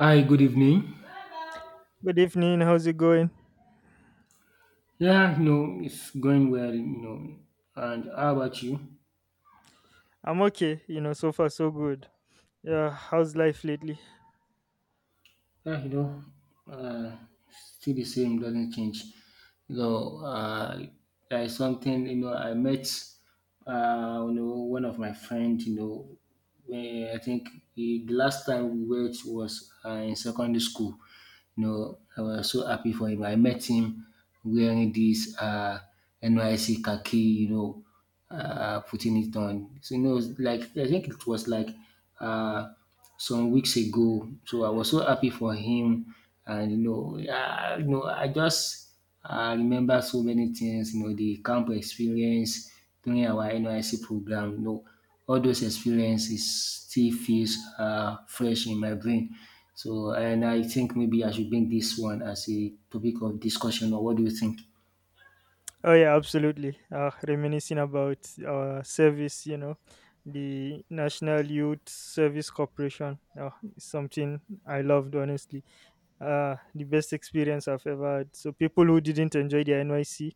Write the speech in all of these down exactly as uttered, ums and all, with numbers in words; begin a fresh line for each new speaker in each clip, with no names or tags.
Hi, good evening.
Good evening. How's it going?
Yeah, you know, it's going well, you know. And how about you?
I'm okay. You know, so far so good. Yeah, how's life lately?
Yeah, you know, uh, still the same, doesn't change. You know, uh, like something, you know, I met, uh, you know, one of my friends, you know, when I think the the last time we met was uh, in secondary school. You know, I was so happy for him. I met him wearing this uh, N Y C khaki, you know, uh, putting it on. So, you know, it's like, I think it was like uh, some weeks ago. So I was so happy for him. And, you know, yeah, you know I just I remember so many things, you know, the camp experience during our N Y C program, you know, all those experiences still feels uh, fresh in my brain. So, and I think maybe I should bring this one as a topic of discussion, or what do you think?
Oh yeah, absolutely. Uh, reminiscing about our service, you know, the National Youth Service Corporation. Uh, it's something I loved honestly. Uh, the best experience I've ever had. So people who didn't enjoy the N Y C,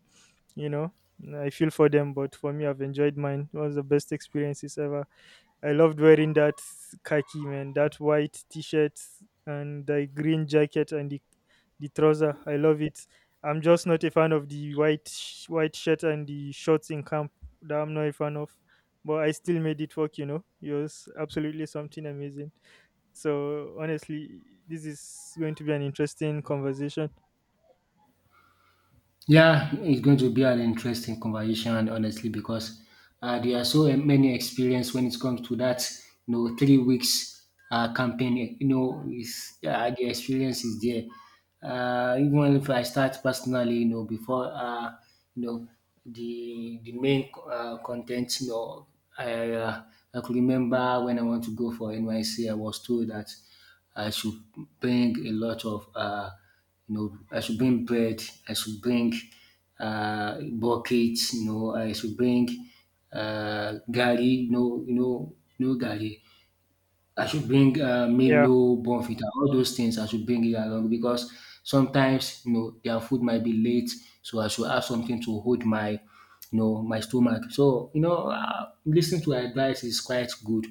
you know, I feel for them, but for me, I've enjoyed mine. It was the best experiences ever. I loved wearing that khaki man, that white t-shirt and the green jacket and the the trouser. I love it. I'm just not a fan of the white sh- white shirt and the shorts in camp. That I'm not a fan of, but I still made it work. You know, it was absolutely something amazing. So honestly, this is going to be an interesting conversation.
Yeah, it's going to be an interesting conversation, honestly, because uh, there are so uh, many experience when it comes to that. You know, three weeks uh, campaign. eh, You know, is uh, the experience is there. Uh, even if I start personally, you know, before uh, you know the the main uh, content, you know, I uh, I could remember when I want to go for N Y C, I was told that I should bring a lot of uh, you know, I should bring bread. I should bring uh, buckets. You know, I should bring uh, gari. No, you know, no gari. I should bring uh,
Yeah,
Milo, Bonfita, all those things. I should bring it along because sometimes you know their food might be late, so I should have something to hold my, you know, my stomach. So, you know, uh, listening to advice is quite good,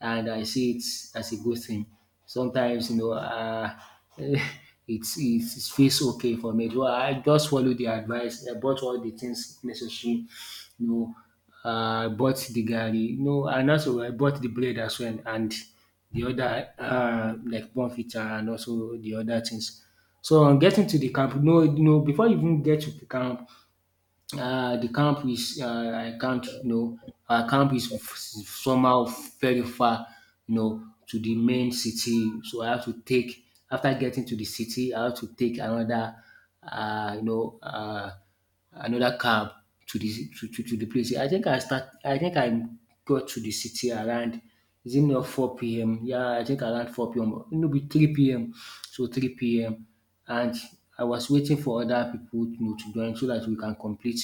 and I see it as a good thing. Sometimes, you know, uh, it's it feels okay for me. So I just follow the advice. I bought all the things necessary, you know. Uh, I bought the garri, you know, and also I bought the bread as well, and the other uh, like bonfita and also the other things. So on getting to the camp, no, no, before you even get to the camp, uh, the camp is, uh, I can't, you know our camp is f- somehow very far, you know to the main city, so I have to take, after getting to the city, I have to take another, uh, you know uh, another cab to the to, to, to the place. I think I start I think I got to the city around, is it not four p m? Yeah, I think around four p m, maybe three p m, so three p m. And I was waiting for other people, you know, to join, so that we can complete,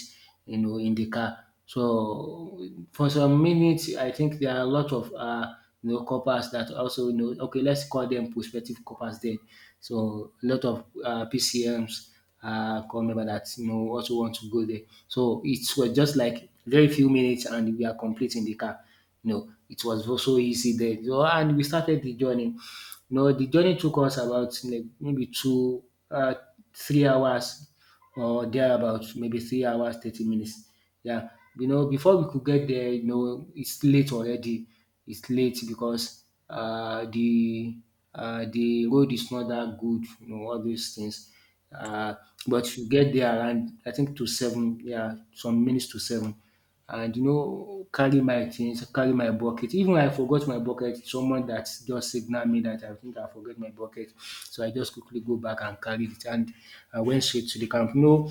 you know in the car. So for some minutes, I think there are a lot of, uh, you know coppers that also, you know okay, let's call them prospective coppers then. So a lot of uh, P C Ms uh, come member that you know also want to go there. So it was just like very few minutes, and we are completing the car. You know it was so easy there. So, and we started the journey, no, the journey took us about like maybe two, uh, three hours, or thereabout, maybe three hours, thirty minutes. Yeah. You know, before we could get there, you know, it's late already. It's late because uh, the uh, the road is not that good, you know, all those things. Uh, but you get there around, I think, to seven, yeah, some minutes to seven, and you know carry my things, carry my bucket. Even when I forgot my bucket, someone that just signaled me that I think I forget my bucket. So I just quickly go back and carry it, and I went straight to the camp. No.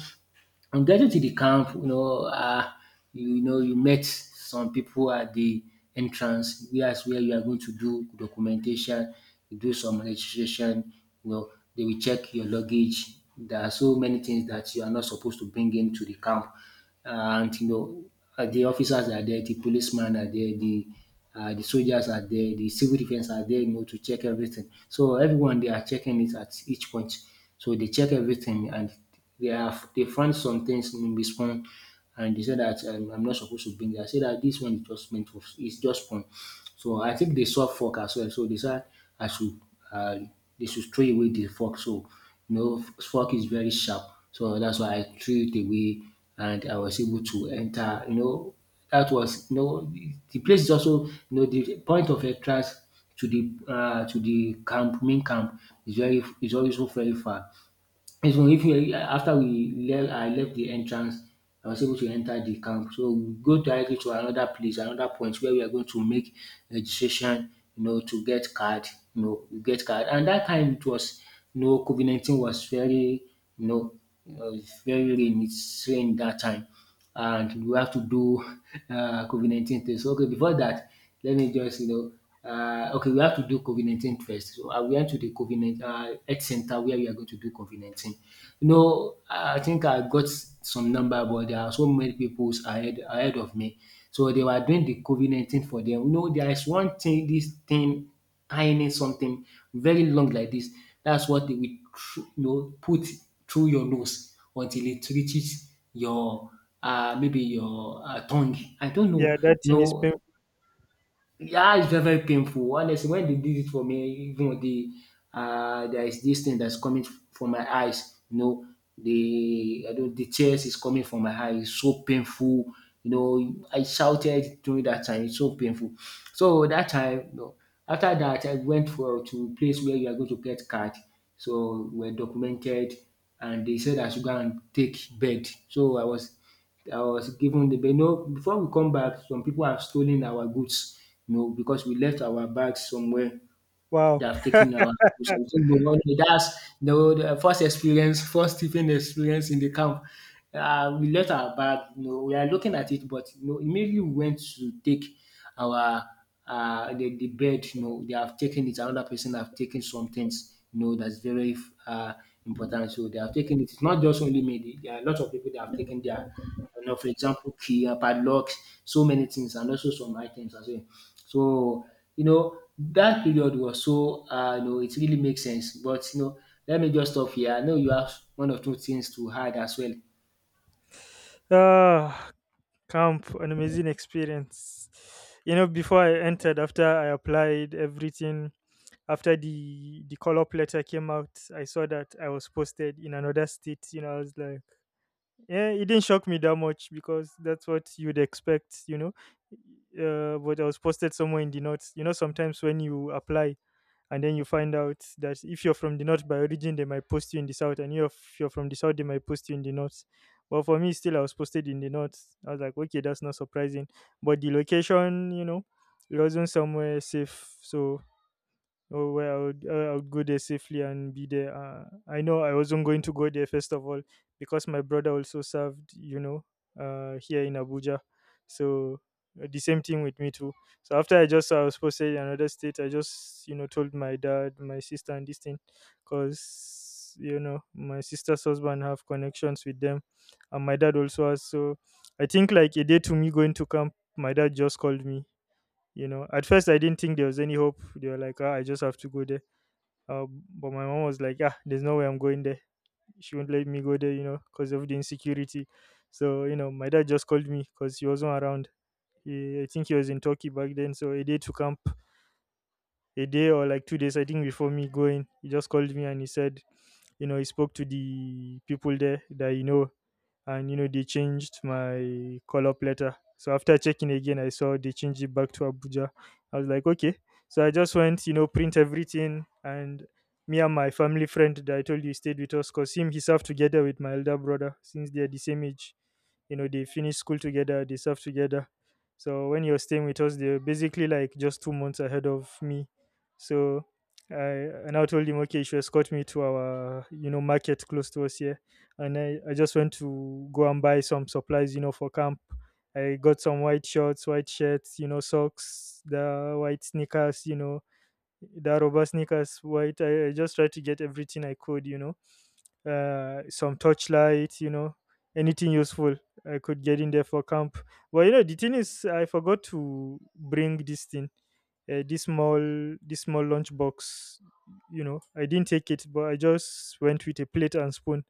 On getting to the camp, you know, uh, you, you know, you met some people at the entrance. That's where you are going to do documentation, you do some registration. You know, they will check your luggage. There are so many things that you are not supposed to bring into the camp, and you know, uh, the officers are there, the policemen are there, the uh, the soldiers are there, the civil defense are there, you know, to check everything. So everyone, they are checking it at each point. So they check everything, and they have they found some things in the spawn, and they said that um, I'm not supposed to bring that. I said that this one is just meant for, it's just spawn. So I think they saw fork as well. So they said I should uh, they should throw away the fork. So you know fork is very sharp. So that's why I threw it away, and I was able to enter. You know, that was you know the the place is also, you know the point of entrance to the uh, to the camp, main camp, is very is also very far. If we if we after we left, I left the entrance, I was able to enter the camp. So we go directly to another place, another point where we are going to make registration, you know, to get card, you know, we get card. And that time it was, you know, COVID nineteen was very, you know, it was very rain, it's rain that time, and we have to do uh, COVID nineteen test. So, okay, before that, let me just, you know, uh, okay, we have to do COVID nineteen first. So I went to the COVID nineteen uh, health center where we are going to do COVID nineteen. You know, I think I got some number, but there are so many people ahead, ahead of me. So they were doing the COVID nineteen for them. You know, there is one thing, this thing ironing something very long like this. That's what they will thr- you know put through your nose until it reaches your, uh, maybe your, uh, tongue. I don't know.
yeah, that thing is
No,
painful.
yeah, it's very, very painful. Honestly, when they did it for me, even the uh, there is this thing that's coming f- from my eyes. You know, the I don't, the tears is coming from my eyes. It's so painful. You know, I shouted during that time. It's so painful. So that time, you know, after that, I went for to a place where you are going to get card. So we're documented, and they said I should go and take bed. So I was. I was given the, you, no, before we come back, some people have stolen our goods, you know because we left our bags somewhere. They
Wow.
have taken our goods. I think we all- that's the, the first experience, first sleeping experience in the camp. Uh, we left our bag. You know we are looking at it, but you know immediately we went to take our uh, the, the bed. You know they have taken it. Another person have taken some things. You know that's very uh, important. So they have taken it. It's not just only me. There are lots of people that have taken their, you know, for example, key, uh, padlocks, so many things, and also some items as well. So, you know, that period was so, uh, you know, it really makes sense. But, you know, let me just stop here. I know you have one or two things to add as well.
Ah, camp, an amazing experience. You know, before I entered, after I applied everything, after the the call up letter came out, I saw that I was posted in another state. You know, I was like, yeah, it didn't shock me that much because that's what you'd expect. You know, uh, but I was posted somewhere in the north. You know, sometimes when you apply and then you find out that if you're from the north by origin they might post you in the south, and if you're from the south they might post you in the north. But for me, still, I was posted in the north. I was like, okay, that's not surprising, but the location, you know, it wasn't somewhere safe. So oh well, I would, uh, I would go there safely and be there. Uh, I know I wasn't going to go there first of all because my brother also served, you know, uh, here in Abuja. So uh, the same thing with me too. So after I just I was posted in another state, I just, you know, told my dad, my sister, and this thing, cause you know my sister's husband have connections with them, and my dad also has. So I think like a day to me going to camp, my dad just called me. You know, at first I didn't think there was any hope. They were like, ah, I just have to go there. Uh, but my mom was like, ah, there's no way I'm going there. She won't let me go there, you know, because of the insecurity. So you know my dad just called me because he wasn't around. he, I think he was in Turkey back then. So a day to camp, a day or like two days I think before me going, he just called me and he said, you know, he spoke to the people there, that you know, and you know they changed my call up letter. So after checking again, I saw they changed it back to Abuja. I was like, okay. So I just went, you know, print everything. And me and my family friend that I told you stayed with us, because him, he served together with my elder brother, since they are the same age. You know, they finish school together, they serve together. So when you're staying with us, they're basically like just two months ahead of me. So i i now told him, okay, you should escort me to our, you know, market close to us here. And i, I just went to go and buy some supplies, you know, for camp. I got some white shorts, white shirts, you know, socks, the white sneakers, you know, the rubber sneakers white. I, I just tried to get everything I could, you know, uh, some torchlight, you know, anything useful I could get in there for camp. But you know, the thing is, I forgot to bring this thing, uh, this small, this small lunch box. You know, I didn't take it, but I just went with a plate and spoon.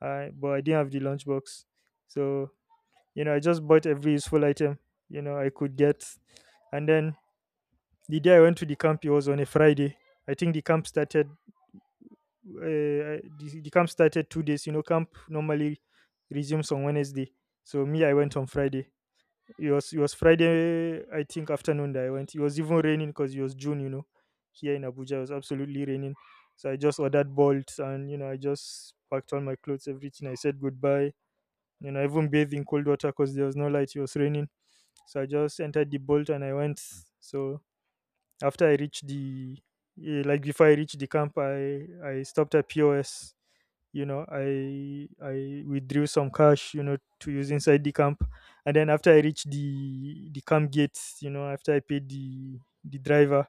I but I didn't have the lunch box, so you know, I just bought every useful item, you know, I could get. And then the day I went to the camp, it was on a Friday. I think the camp started uh, the, the camp started two days. You know, camp normally resumes on Wednesday. So me, I went on Friday. It was it was Friday, I think afternoon, that I went. It was even raining because it was June. You know, here in Abuja, it was absolutely raining. So I just ordered bolts, and you know I just packed all my clothes, everything. I said goodbye. You know, I even bathed in cold water because there was no light. It was raining. So I just entered the bolt and I went. So after I reached the eh, like before I reached the camp, I I stopped at P O S. You know, I I withdrew some cash, you know, to use inside the camp. And then after I reached the the camp gate, you know, after I paid the the driver,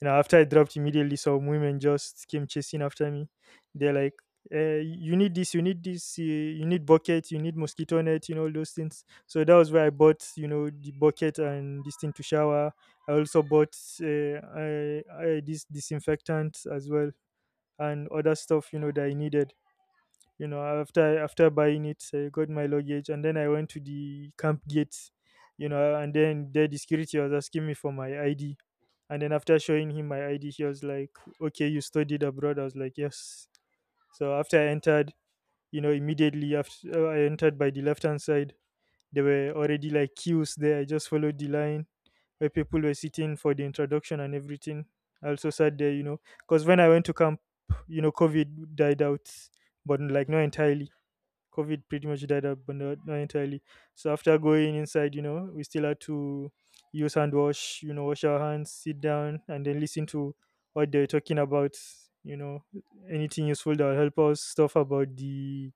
you know, after I dropped, immediately some women just came chasing after me. They're like, eh, "You need this, you need this, eh, you need bucket, you need mosquito net, you know, all those things." So that was where I bought, you know, the bucket and this thing to shower. I also bought uh, I, I, this disinfectant as well, and other stuff you know that I needed. You know, after after buying it, I got my luggage and then I went to the camp gate. You know, and then there the security was asking me for my I D. And then after showing him my I D, he was like, "Okay, you studied abroad." I was like, "Yes." So after I entered, you know, immediately after uh, I entered by the left hand side, there were already like queues there. I just followed the line where people were sitting for the introduction and everything. I also sat there, you know, because when I went to camp, you know, COVID died out, but like not entirely. COVID pretty much died out, but not, not entirely. So after going inside, you know, we still had to use hand wash, you know, wash our hands, sit down, and then listen to what they're talking about, you know, anything useful that will help us, stuff about the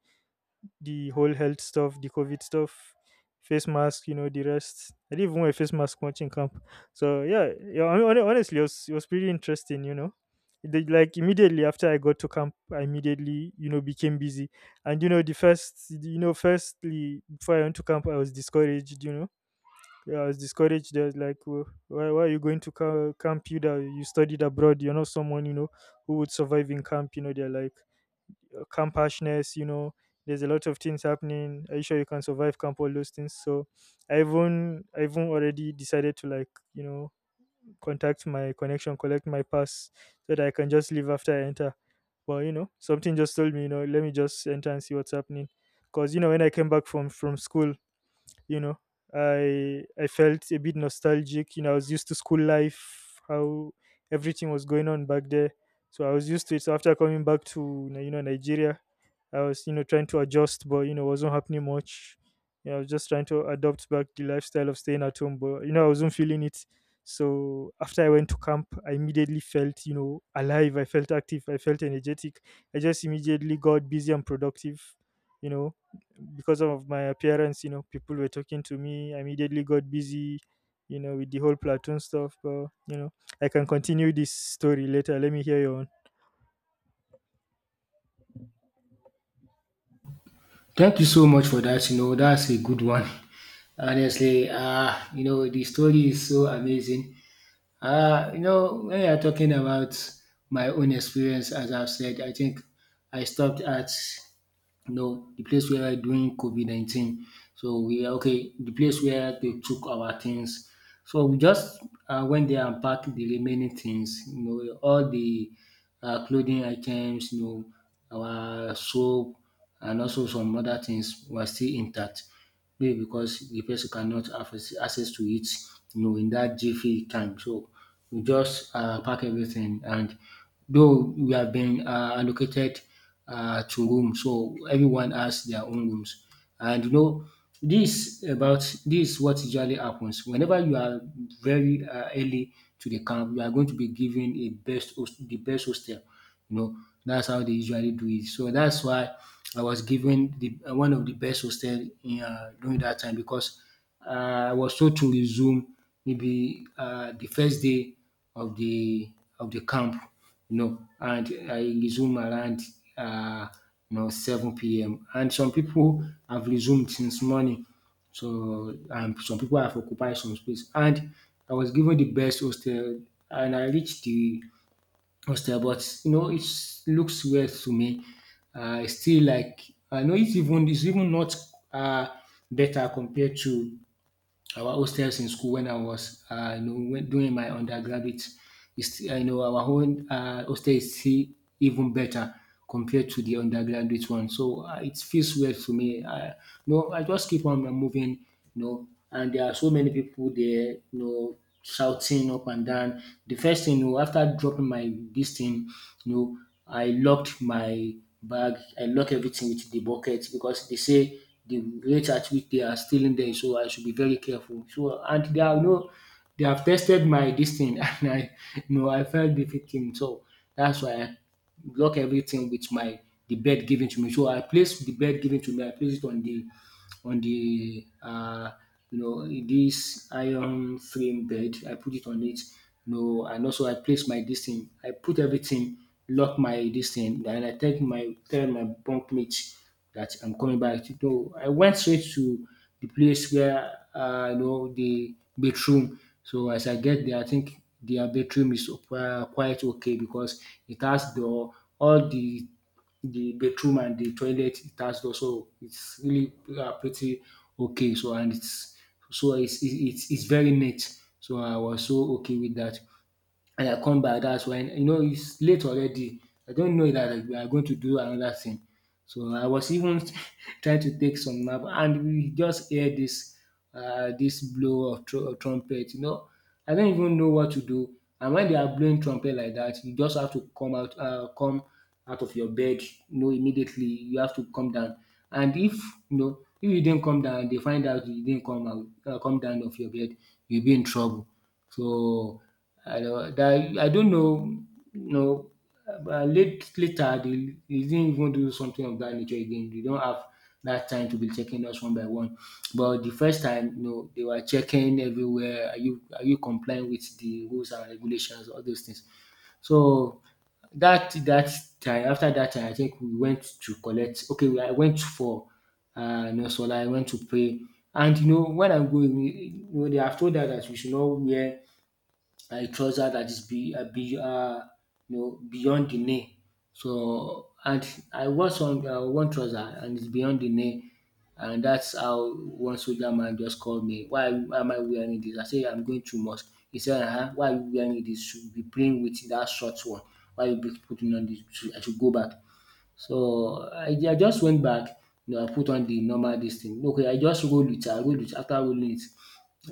the whole health stuff, the COVID stuff, face mask, you know, the rest. I didn't even wear a face mask watching camp. So yeah, yeah. hon- hon- Honestly, it was it was pretty interesting, you know. The, like Immediately after I got to camp, I immediately you know became busy. And you know the first you know firstly before I went to camp, I was discouraged, you know. Yeah, I was discouraged. They was like, "Wh- why, why are you going to ca- camp? You that you studied abroad. You're not someone, you know, who would survive in camp. You know, they're like, camp harshness, you know, there's a lot of things happening. Are you sure you can survive camp? All those things. So I even I even already decided to like, you know, contact my connection, collect my pass, so that I can just leave after I enter. But you know, something just told me, you know, let me just enter and see what's happening. Cause you know, when I came back from from school, you know i i felt a bit nostalgic. You know, I was used to school life, how everything was going on back there. So I was used to it. So after coming back to, you know, Nigeria, I was, you know, trying to adjust, but you know wasn't happening much. You know, I was just trying to adopt back the lifestyle of staying at home, but you know I wasn't feeling it. So after I went to camp, I immediately felt, you know, alive. I felt active, I felt energetic. I just immediately got busy and productive, you know, because of my appearance. You know, people were talking to me. I immediately got busy, you know, with the whole platoon stuff. But, you know, I can continue this story later. Let me hear your own.
Thank you so much for that. You know, that's a good one. Honestly, uh, you know, the story is so amazing. Uh, you know, when you're talking about my own experience, as I've said, I think I stopped at, no, the place where during COVID nineteen, so we are, okay, the place where they took our things. So we just um went there and packed the remaining things, you know all the um clothing items, you know our soap, and also some other things were still intact, maybe because the person cannot have ac- access to it, you know in that jiffy time. So we just um pack everything. And though we have been um allocated uh, to room. So everyone has their own rooms. And you know, this about this what usually happens whenever you are very uh, early to the camp. You are going to be given a best host, the best hostel. You know, that's how they usually do it. So that's why I was given the uh, one of the best hostel in, uh, during that time, because uh, I was told to resume maybe uh, the first day of the of the camp, you know, and I resume around, uh, you know seven p m. And some people have resumed since morning. So um, some people have occupied some space. And I was given the best hostel and I reached the hostel, but you know, it looks weird to me. Uh, it's still like I know it's even it's even not uh better compared to our hostels in school when I was, uh, you know, when, doing my undergraduate. Is you know, our own uh, hostel is still even better compared to the undergraduate one. So uh, it feels weird to me. I, no, I just keep on moving, you know, and there are so many people there, you know, shouting up and down. The first thing, you know, after dropping my this thing, you know, I locked my bag, I lock everything with the bucket because they say the rate at which they are stealing them. So I should be very careful. So and they are no, they have tested my this thing and I you know I felt the victim. So that's why I block everything with my the bed given to me. So I place the bed given to me, I place it on the on the uh, you know this iron frame bed. I put it on it. You know, and also I place my this thing. I put everything, lock my this thing, and I tell my tell my bunk mate that I'm coming back. So I went straight to the place where uh, you know the bedroom. So as I get there, I think their bedroom is uh, quite okay because it has door, all the the bedroom and the toilet attached also. It's really uh, pretty okay. So and it's so it's it's it's very neat. So I was so okay with that and I come back. That's when you know its late already. I don't know that like, we are going to do another thing. So I was even trying to take some nap and we just hear this, uh, this blow of tru trumpet you know I don't even know what to do, and when they are blowing trumpet like that, you just have to come out. Uh, come out of your bed, you know, immediately you have to come down. And if you know if you didn't come down they find out you didn't come out, uh, come down of your bed, you'll be in trouble. So, I don't, that I don't know, you know, but late later they they didn't even do something of that nature again. They don't have that time to be checking us one by one. But the first time, you know, they were checking everywhere. Are you are you complying with the rules and regulations, all those things. So that that time after that time, I think we went to collect. Okay, we- I went for uh, no know, so I went to pray. And you know, when I'm going, you know, they have told us that we should not wear a trouser that is be, uh, be, uh, you know, beyond the knee. So and I wore some uh, one trouser and it's beyond the knee, and that's how one soldier man just called me. Why why am I wearing this? I say I'm going to mosque. He said, uh-huh, why are you wearing this? You should be playing with that short one. Why you be putting on this? You should- I should go back. So I, I just went back. You know, I put on the normal this thing. Okay, I just rolled it. I rolled it after rolling it.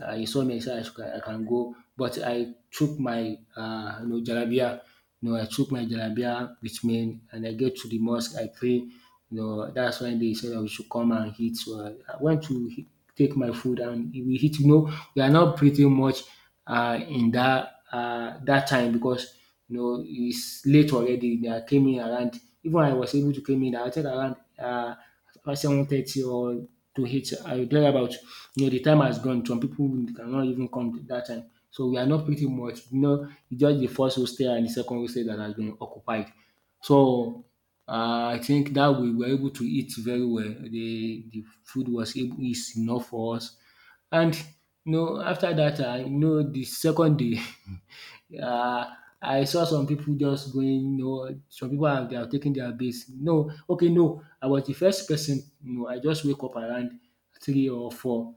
Uh, he saw me, he said I, should, I can go. But I took my uh, you know, jalabia. You know, I took my jalabia with me and I get to the mosque. I pray. You know, that's when they said that we should come and eat. So I, I went to he- take my food and we eat. You know, we are not pretty much uh, in that uh, that time because you know it's late already. They are came in around. Even I was able to come in. I was around. Uh, seven thirty or to eight. I will about you know the time has gone. Some people cannot even come that time. So we are not pretty much, you know, it's just the first hostel and the second hostel that has been occupied. So um I think that we were able to eat very well. The the food was able is enough for us. And you know after that I you know the second day uh, I saw some people just going, you know, some people are they are taking their base. No, okay, no. I was the first person. You know, I just wake up around three or four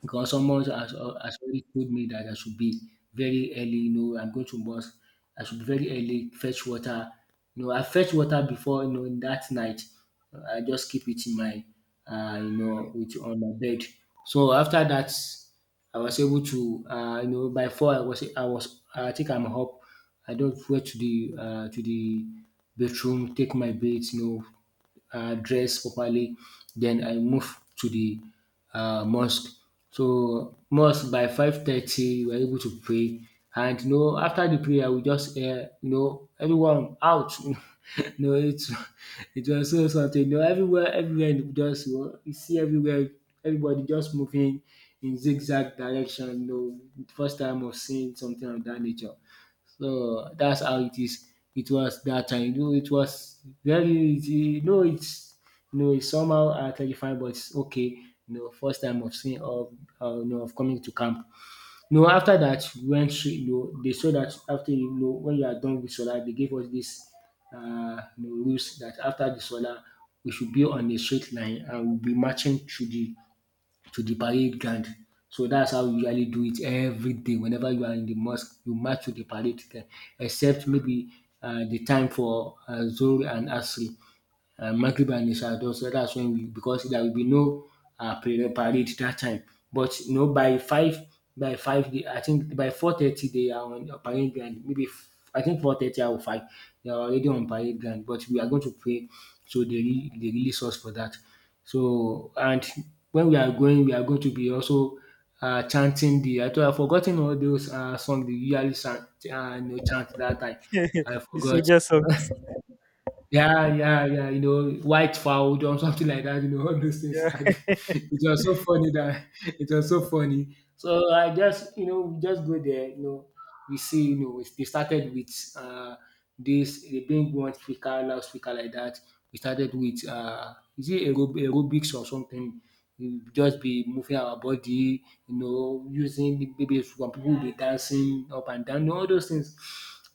because someone has, has already told me that I should be very early. You know, I'm going to mosque. I should be very early, fetch water. You know, I fetch water before you know in that night. I just keep it in my, uh, you know, with on my bed. So after that, I was able to, uh, you know, by four I was I was I think I'm up. I don't went to the uh, to the bathroom, take my bath, you know, uh, dress properly. Then I move to the uh, mosque. So mosque by five thirty, we are able to pray. And you know, after the prayer, we just hear you know everyone out. You know, it it was so so something. You know, everywhere, everywhere, you just you, know, you see everywhere, everybody just moving in zigzag direction. You know, first time of seeing something of that nature. So that's how it is. It was that time. You know, it was very easy. You know, it's you know, it's somehow uh, terrifying, but it's okay. You know, first time of seeing of uh, you know of coming to camp. You know, after that we went through. You know, they saw that after you know when you are done with solar, they gave us this uh, you know, rules that after the solar we should be on a straight line and we'll be marching through the to the parade ground. So that's how we usually do it every day. Whenever you are in the mosque, you march to the parade ground, except maybe uh, the time for uh, Zohr and Asri uh, Maghrib and Isha though, so that's when we because there will be no uh, prayer parade that time. But you know, by five, by five, they- I think by four thirty they are on the parade ground. Maybe f- I think four thirty or five, they are already on parade ground. But we are going to pray, so they re- they release us for that. So and when we are going, we are going to be also uh, chanting the. I thought I've forgotten all those uh, songs they usually chant, uh, you know, chant that time. I
The
forgot.
soldier song.
Yeah, yeah, yeah. You know, white fowl or something like that. You know, all those things.
Yeah.
And it was so funny that it was so funny. So I just, you know, we just go there. You know, we see. You know, we- they started with uh this. They bring one speaker, loudspeaker like that. We started with uh, is it aerob- aerobics or something? We just be moving our body. You know, using maybe some people will be dancing up and down. You know, all those things.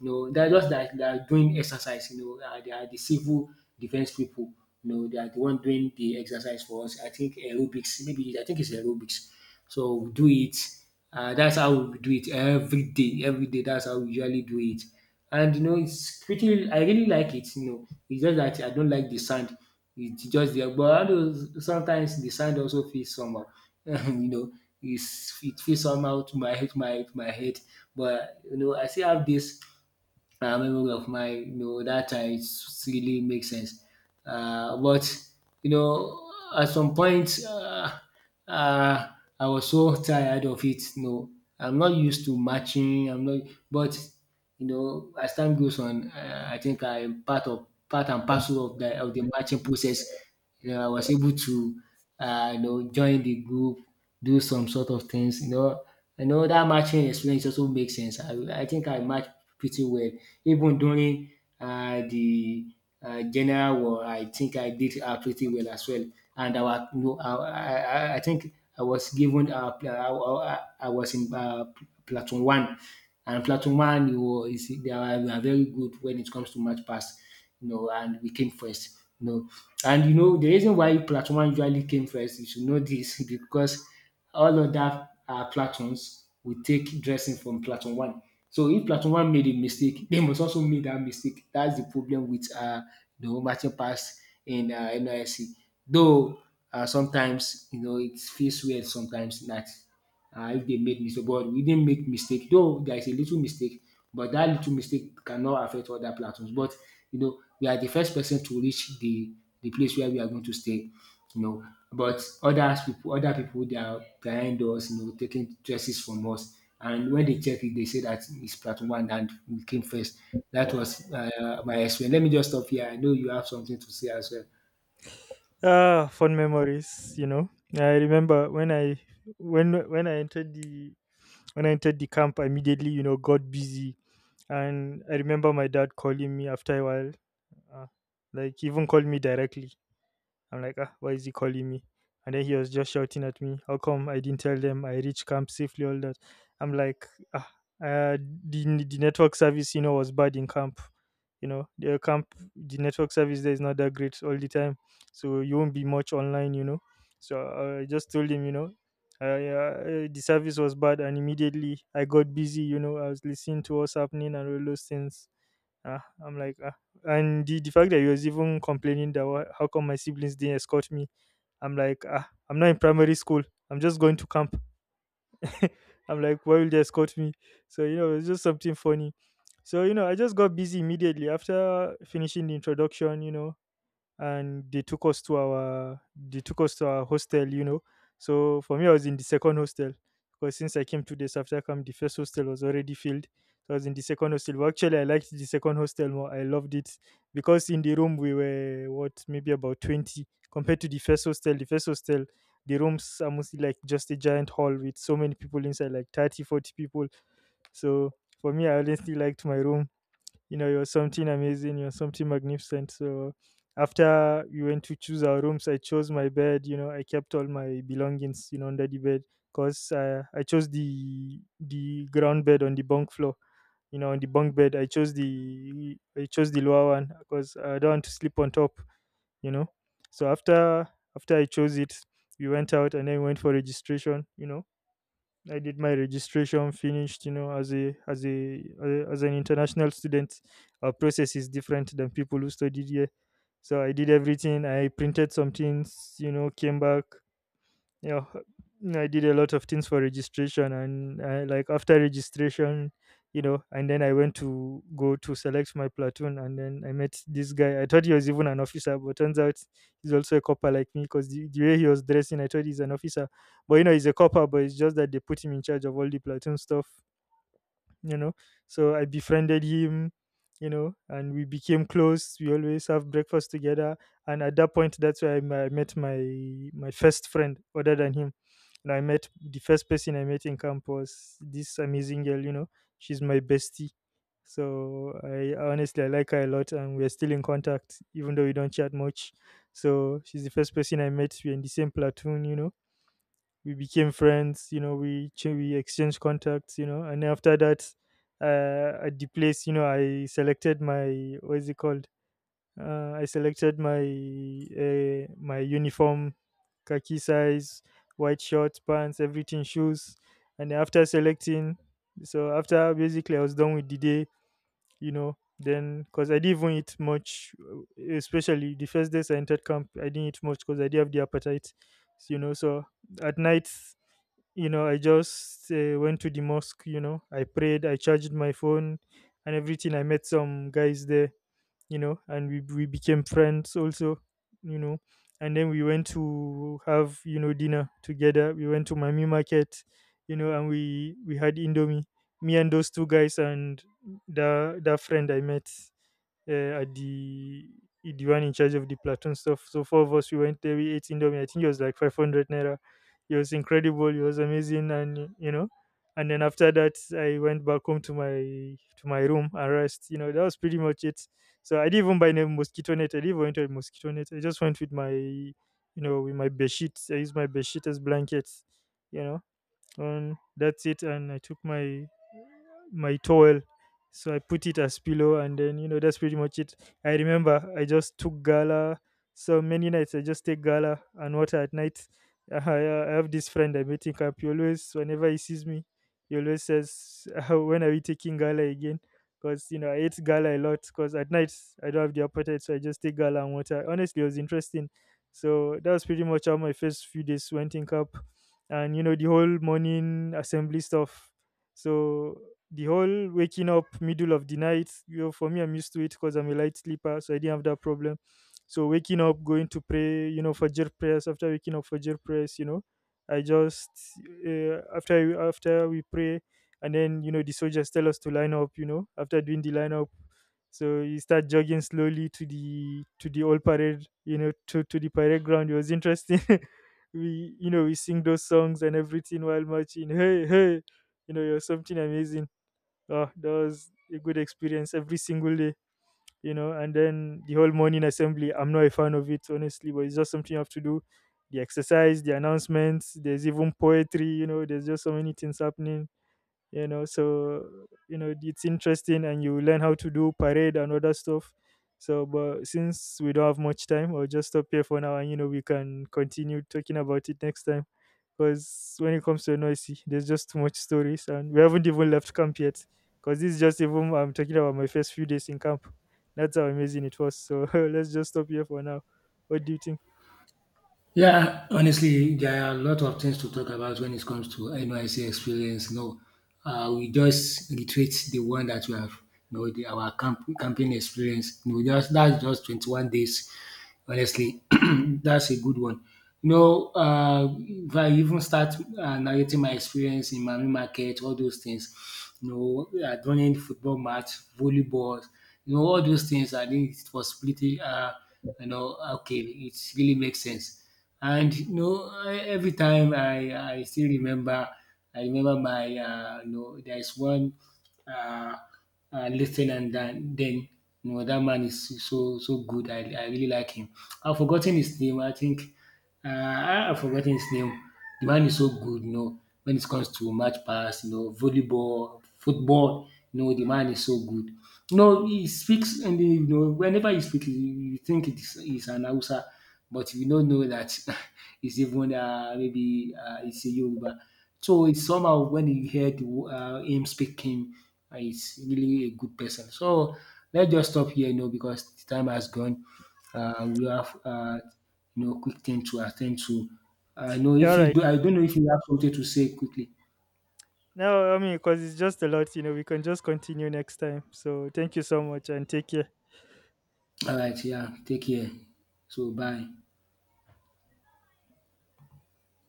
You know, they are just like they are doing exercise, you know, uh, they are the civil defense people. You know, they are the one doing the exercise for us. I think aerobics, maybe I think it's aerobics. So we do it. Uh, that's how we do it every day. Every day, that's how we usually do it. And you know, it's pretty. I really like it. You know, it's just that I don't like the sand. It's just there, but I don't- sometimes the sand also feels somehow. You know, it's, it feels somehow to my head, my my head. But you know, I still have this uh, memory of mine. You know, that time it really makes sense. Uh, but you know, at some point, uh, uh, I was so tired of it. No, I'm not used to matching. I'm not, but you know, as time goes on, uh, I think I'm part of part and parcel of the of the matching process. You know, I was able to, uh, you know, join the group, do some sort of things. You know, I know that matching experience also makes sense. I, I think I match pretty well, even during uh, the uh, general war. I think I did uh, pretty well as well. And our, you know, our, I, I I think I was given uh, pl- I, I, I was in uh, pl- platoon one. And Plateau Man you know, is they are, they are very good when it comes to match pass, you know, and we came first. You know. And you know the reason why Plateau Man usually came first, you should know this because all other uh, Platons will take dressing from Platon One. So if Platon One made a mistake, they must also make that mistake. That's the problem with uh, the matching pass in uh, N Y C. Though uh, sometimes you know it feels weird sometimes that and if they make mistake but we didn't make mistake though there is a little mistake but that little mistake cannot affect other platforms but you know we are the first person to reach the the place where we are going to stay you know but others people other people they are behind us you know taking choices from us and when they check it they say that it's platform one and we came first. That was uh, my experience. Let me just stop here. I know you have something to say as well.
Ah, fond memories, you know. I remember when I when when I entered the when I entered the camp. I immediately, you know, got busy. And I remember my dad calling me after a while. Uh, like even called me directly. I'm like, ah, why is he calling me? And then he was just shouting at me, how come I didn't tell them I reached camp safely, all that. I'm like, ah, uh, the, the network service, you know, was bad in camp. You know, the camp, the network service there is not that great all the time. So you won't be much online, you know. So uh, I just told him, you know, uh, uh, the service was bad. And immediately I got busy, you know, I was listening to what's happening and all those things Ah, I'm like, ah. and the, the fact that he was even complaining that why, how come my siblings didn't escort me, I'm like, ah, I'm not in primary school. I'm just going to camp. I'm like, why will they escort me? So you know, it's just something funny. So you know, I just got busy immediately after finishing the introduction. You know, and they took us to our they took us to our hostel, you know. So for me, I was in the second hostel because since I came two days after camp, the first hostel was already filled. So I was in the second hostel, but actually I liked the second hostel more. I loved it because in the room we were what, maybe about twenty, compared to the first hostel. The first hostel the rooms are mostly like just a giant hall with so many people inside, like thirty, forty people. So for me, I honestly liked my room. You know, you're something amazing, you're something magnificent. So after we went to choose our rooms, I chose my bed, you know, I kept all my belongings, you know, under the bed because uh, I chose the the ground bed on the bunk floor, you know, on the bunk bed. I chose the I chose the lower one because I don't want to sleep on top, you know. So after after I chose it, we went out and then went for registration, you know. I did my registration, finished. You know, as a as a uh, as an international student, our process is different than people who studied here. So I did everything. I printed some things. You know, came back. Yeah, I did a lot of things for registration, and uh, like after registration, you know. And then I went to go to select my platoon, and then I met this guy. I thought he was even an officer, but turns out he's also a copper like me. Because the, the way he was dressing, I thought he's an officer, but you know, he's a copper. But it's just that they put him in charge of all the platoon stuff, you know. So I befriended him, you know, and we became close. We always have breakfast together. And at that point, that's where i, m- I met my my first friend other than him. And I met the first person I met in camp was this amazing girl, you know. She's my bestie. So I honestly, I like her a lot, and we're still in contact, even though we don't chat much. So she's the first person I met. We're in the same platoon, you know. We became friends, you know. We ch- we exchanged contacts, you know. And after that, uh, at the place, you know, I selected my, what is it called, uh, I selected my uh, my uniform, khaki size, white shorts, pants, everything, shoes. And after selecting, so after, basically, I was done with the day, you know. Then because I didn't even eat much, uh, especially the first days I entered camp, I didn't eat much because I didn't have the appetite, you know. So at night, you know, I just uh, went to the mosque, you know. I prayed, I charged my phone and everything. I met some guys there, you know, and we we became friends also, you know. And then we went to have, you know, dinner together. We went to Mami Market, you know, and we we had Indomie. Me and those two guys and the that friend I met uh, at the the one in charge of the platoon stuff. So four of us, we went there. We ate Indomie. I think it was like five hundred naira. It was incredible. It was amazing, and you know. And then after that, I went back home to my to my room and rest. You know, that was pretty much it. So I didn't even buy any mosquito net. I didn't even went with mosquito net. I just went with my, you know, with my bed sheets. I used my bed sheet as blankets, you know. And that's it. And I took my my towel, so I put it as pillow. And then, you know, that's pretty much it. I remember I just took gala. So many nights I just take gala and water at night. i, I have this friend I met in camp. He always, whenever he sees me, he always says, when are we taking gala again? Because you know, I ate gala a lot because at night I don't have the appetite, so I just take gala and water. Honestly, it was interesting. So that was pretty much how my first few days went in camp. And you know, the whole morning assembly stuff. So the whole waking up middle of the night, you know, for me, I'm used to it because I'm a light sleeper, so I didn't have that problem. So waking up, going to pray, you know, for fajr prayers. After waking up for fajr prayers, you know, I just uh, after after we pray, and then you know the soldiers tell us to line up, you know. After doing the line up, so you start jogging slowly to the to the old parade, you know, to to the parade ground. It was interesting. We, you know, we sing those songs and everything while marching, hey hey, you know, you're something amazing. Oh, that was a good experience every single day, you know. And then the whole morning assembly, I'm not a fan of it, honestly, but it's just something you have to do. The exercise, the announcements, there's even poetry, you know, there's just so many things happening, you know. So you know, it's interesting, and you learn how to do parade and other stuff. So, but since we don't have much time, I'll just stop here for now, and you know, we can continue talking about it next time, because when it comes to noisy, there's just too much stories, and we haven't even left camp yet. Because this is just even I'm talking about my first few days in camp. That's how amazing it was. So let's just stop here for now. What do you think?
Yeah, honestly, there are a lot of things to talk about when it comes to N Y C experience. No, uh, we just reiterate the one that we have, you know, the, our camp, camping experience. You know, just that's just twenty-one days. Honestly, that's a good one. You know, uh, if I even start uh, narrating my experience in Manu Market, all those things, you know, uh, running football match, volleyball, you know, all those things, I think it was pretty, uh, you know, okay, it really makes sense. And you know, e- every time I, I still remember, I remember my, uh, you know, there's one uh, uh, lieutenant that then, you know, that man is so, so good. I, I really like him. I've forgotten his name. I think uh, I have forgotten his name. The man is so good, you know, when it comes to match pass, you know, volleyball, football, you know, the man is so good. You know, he speaks, and then, you know, whenever he speaks, you, you think it is, he's an Hausa, but you don't know that he's even uh, maybe uh, it's a Yoruba. So it's somehow when you hear the, wo- uh, him speaking, uh, he's really a good person. So let's just stop here, you know, because the time has gone. Uh, we have uh, you know, quick thing to attend to. I know
Yeah,
if
all
you
right.
do, I don't know if you have something to say quickly.
No, I mean, because it's just a lot, you know, we can just continue next time. So thank you so much, and take care.
All right, yeah, take care. So bye.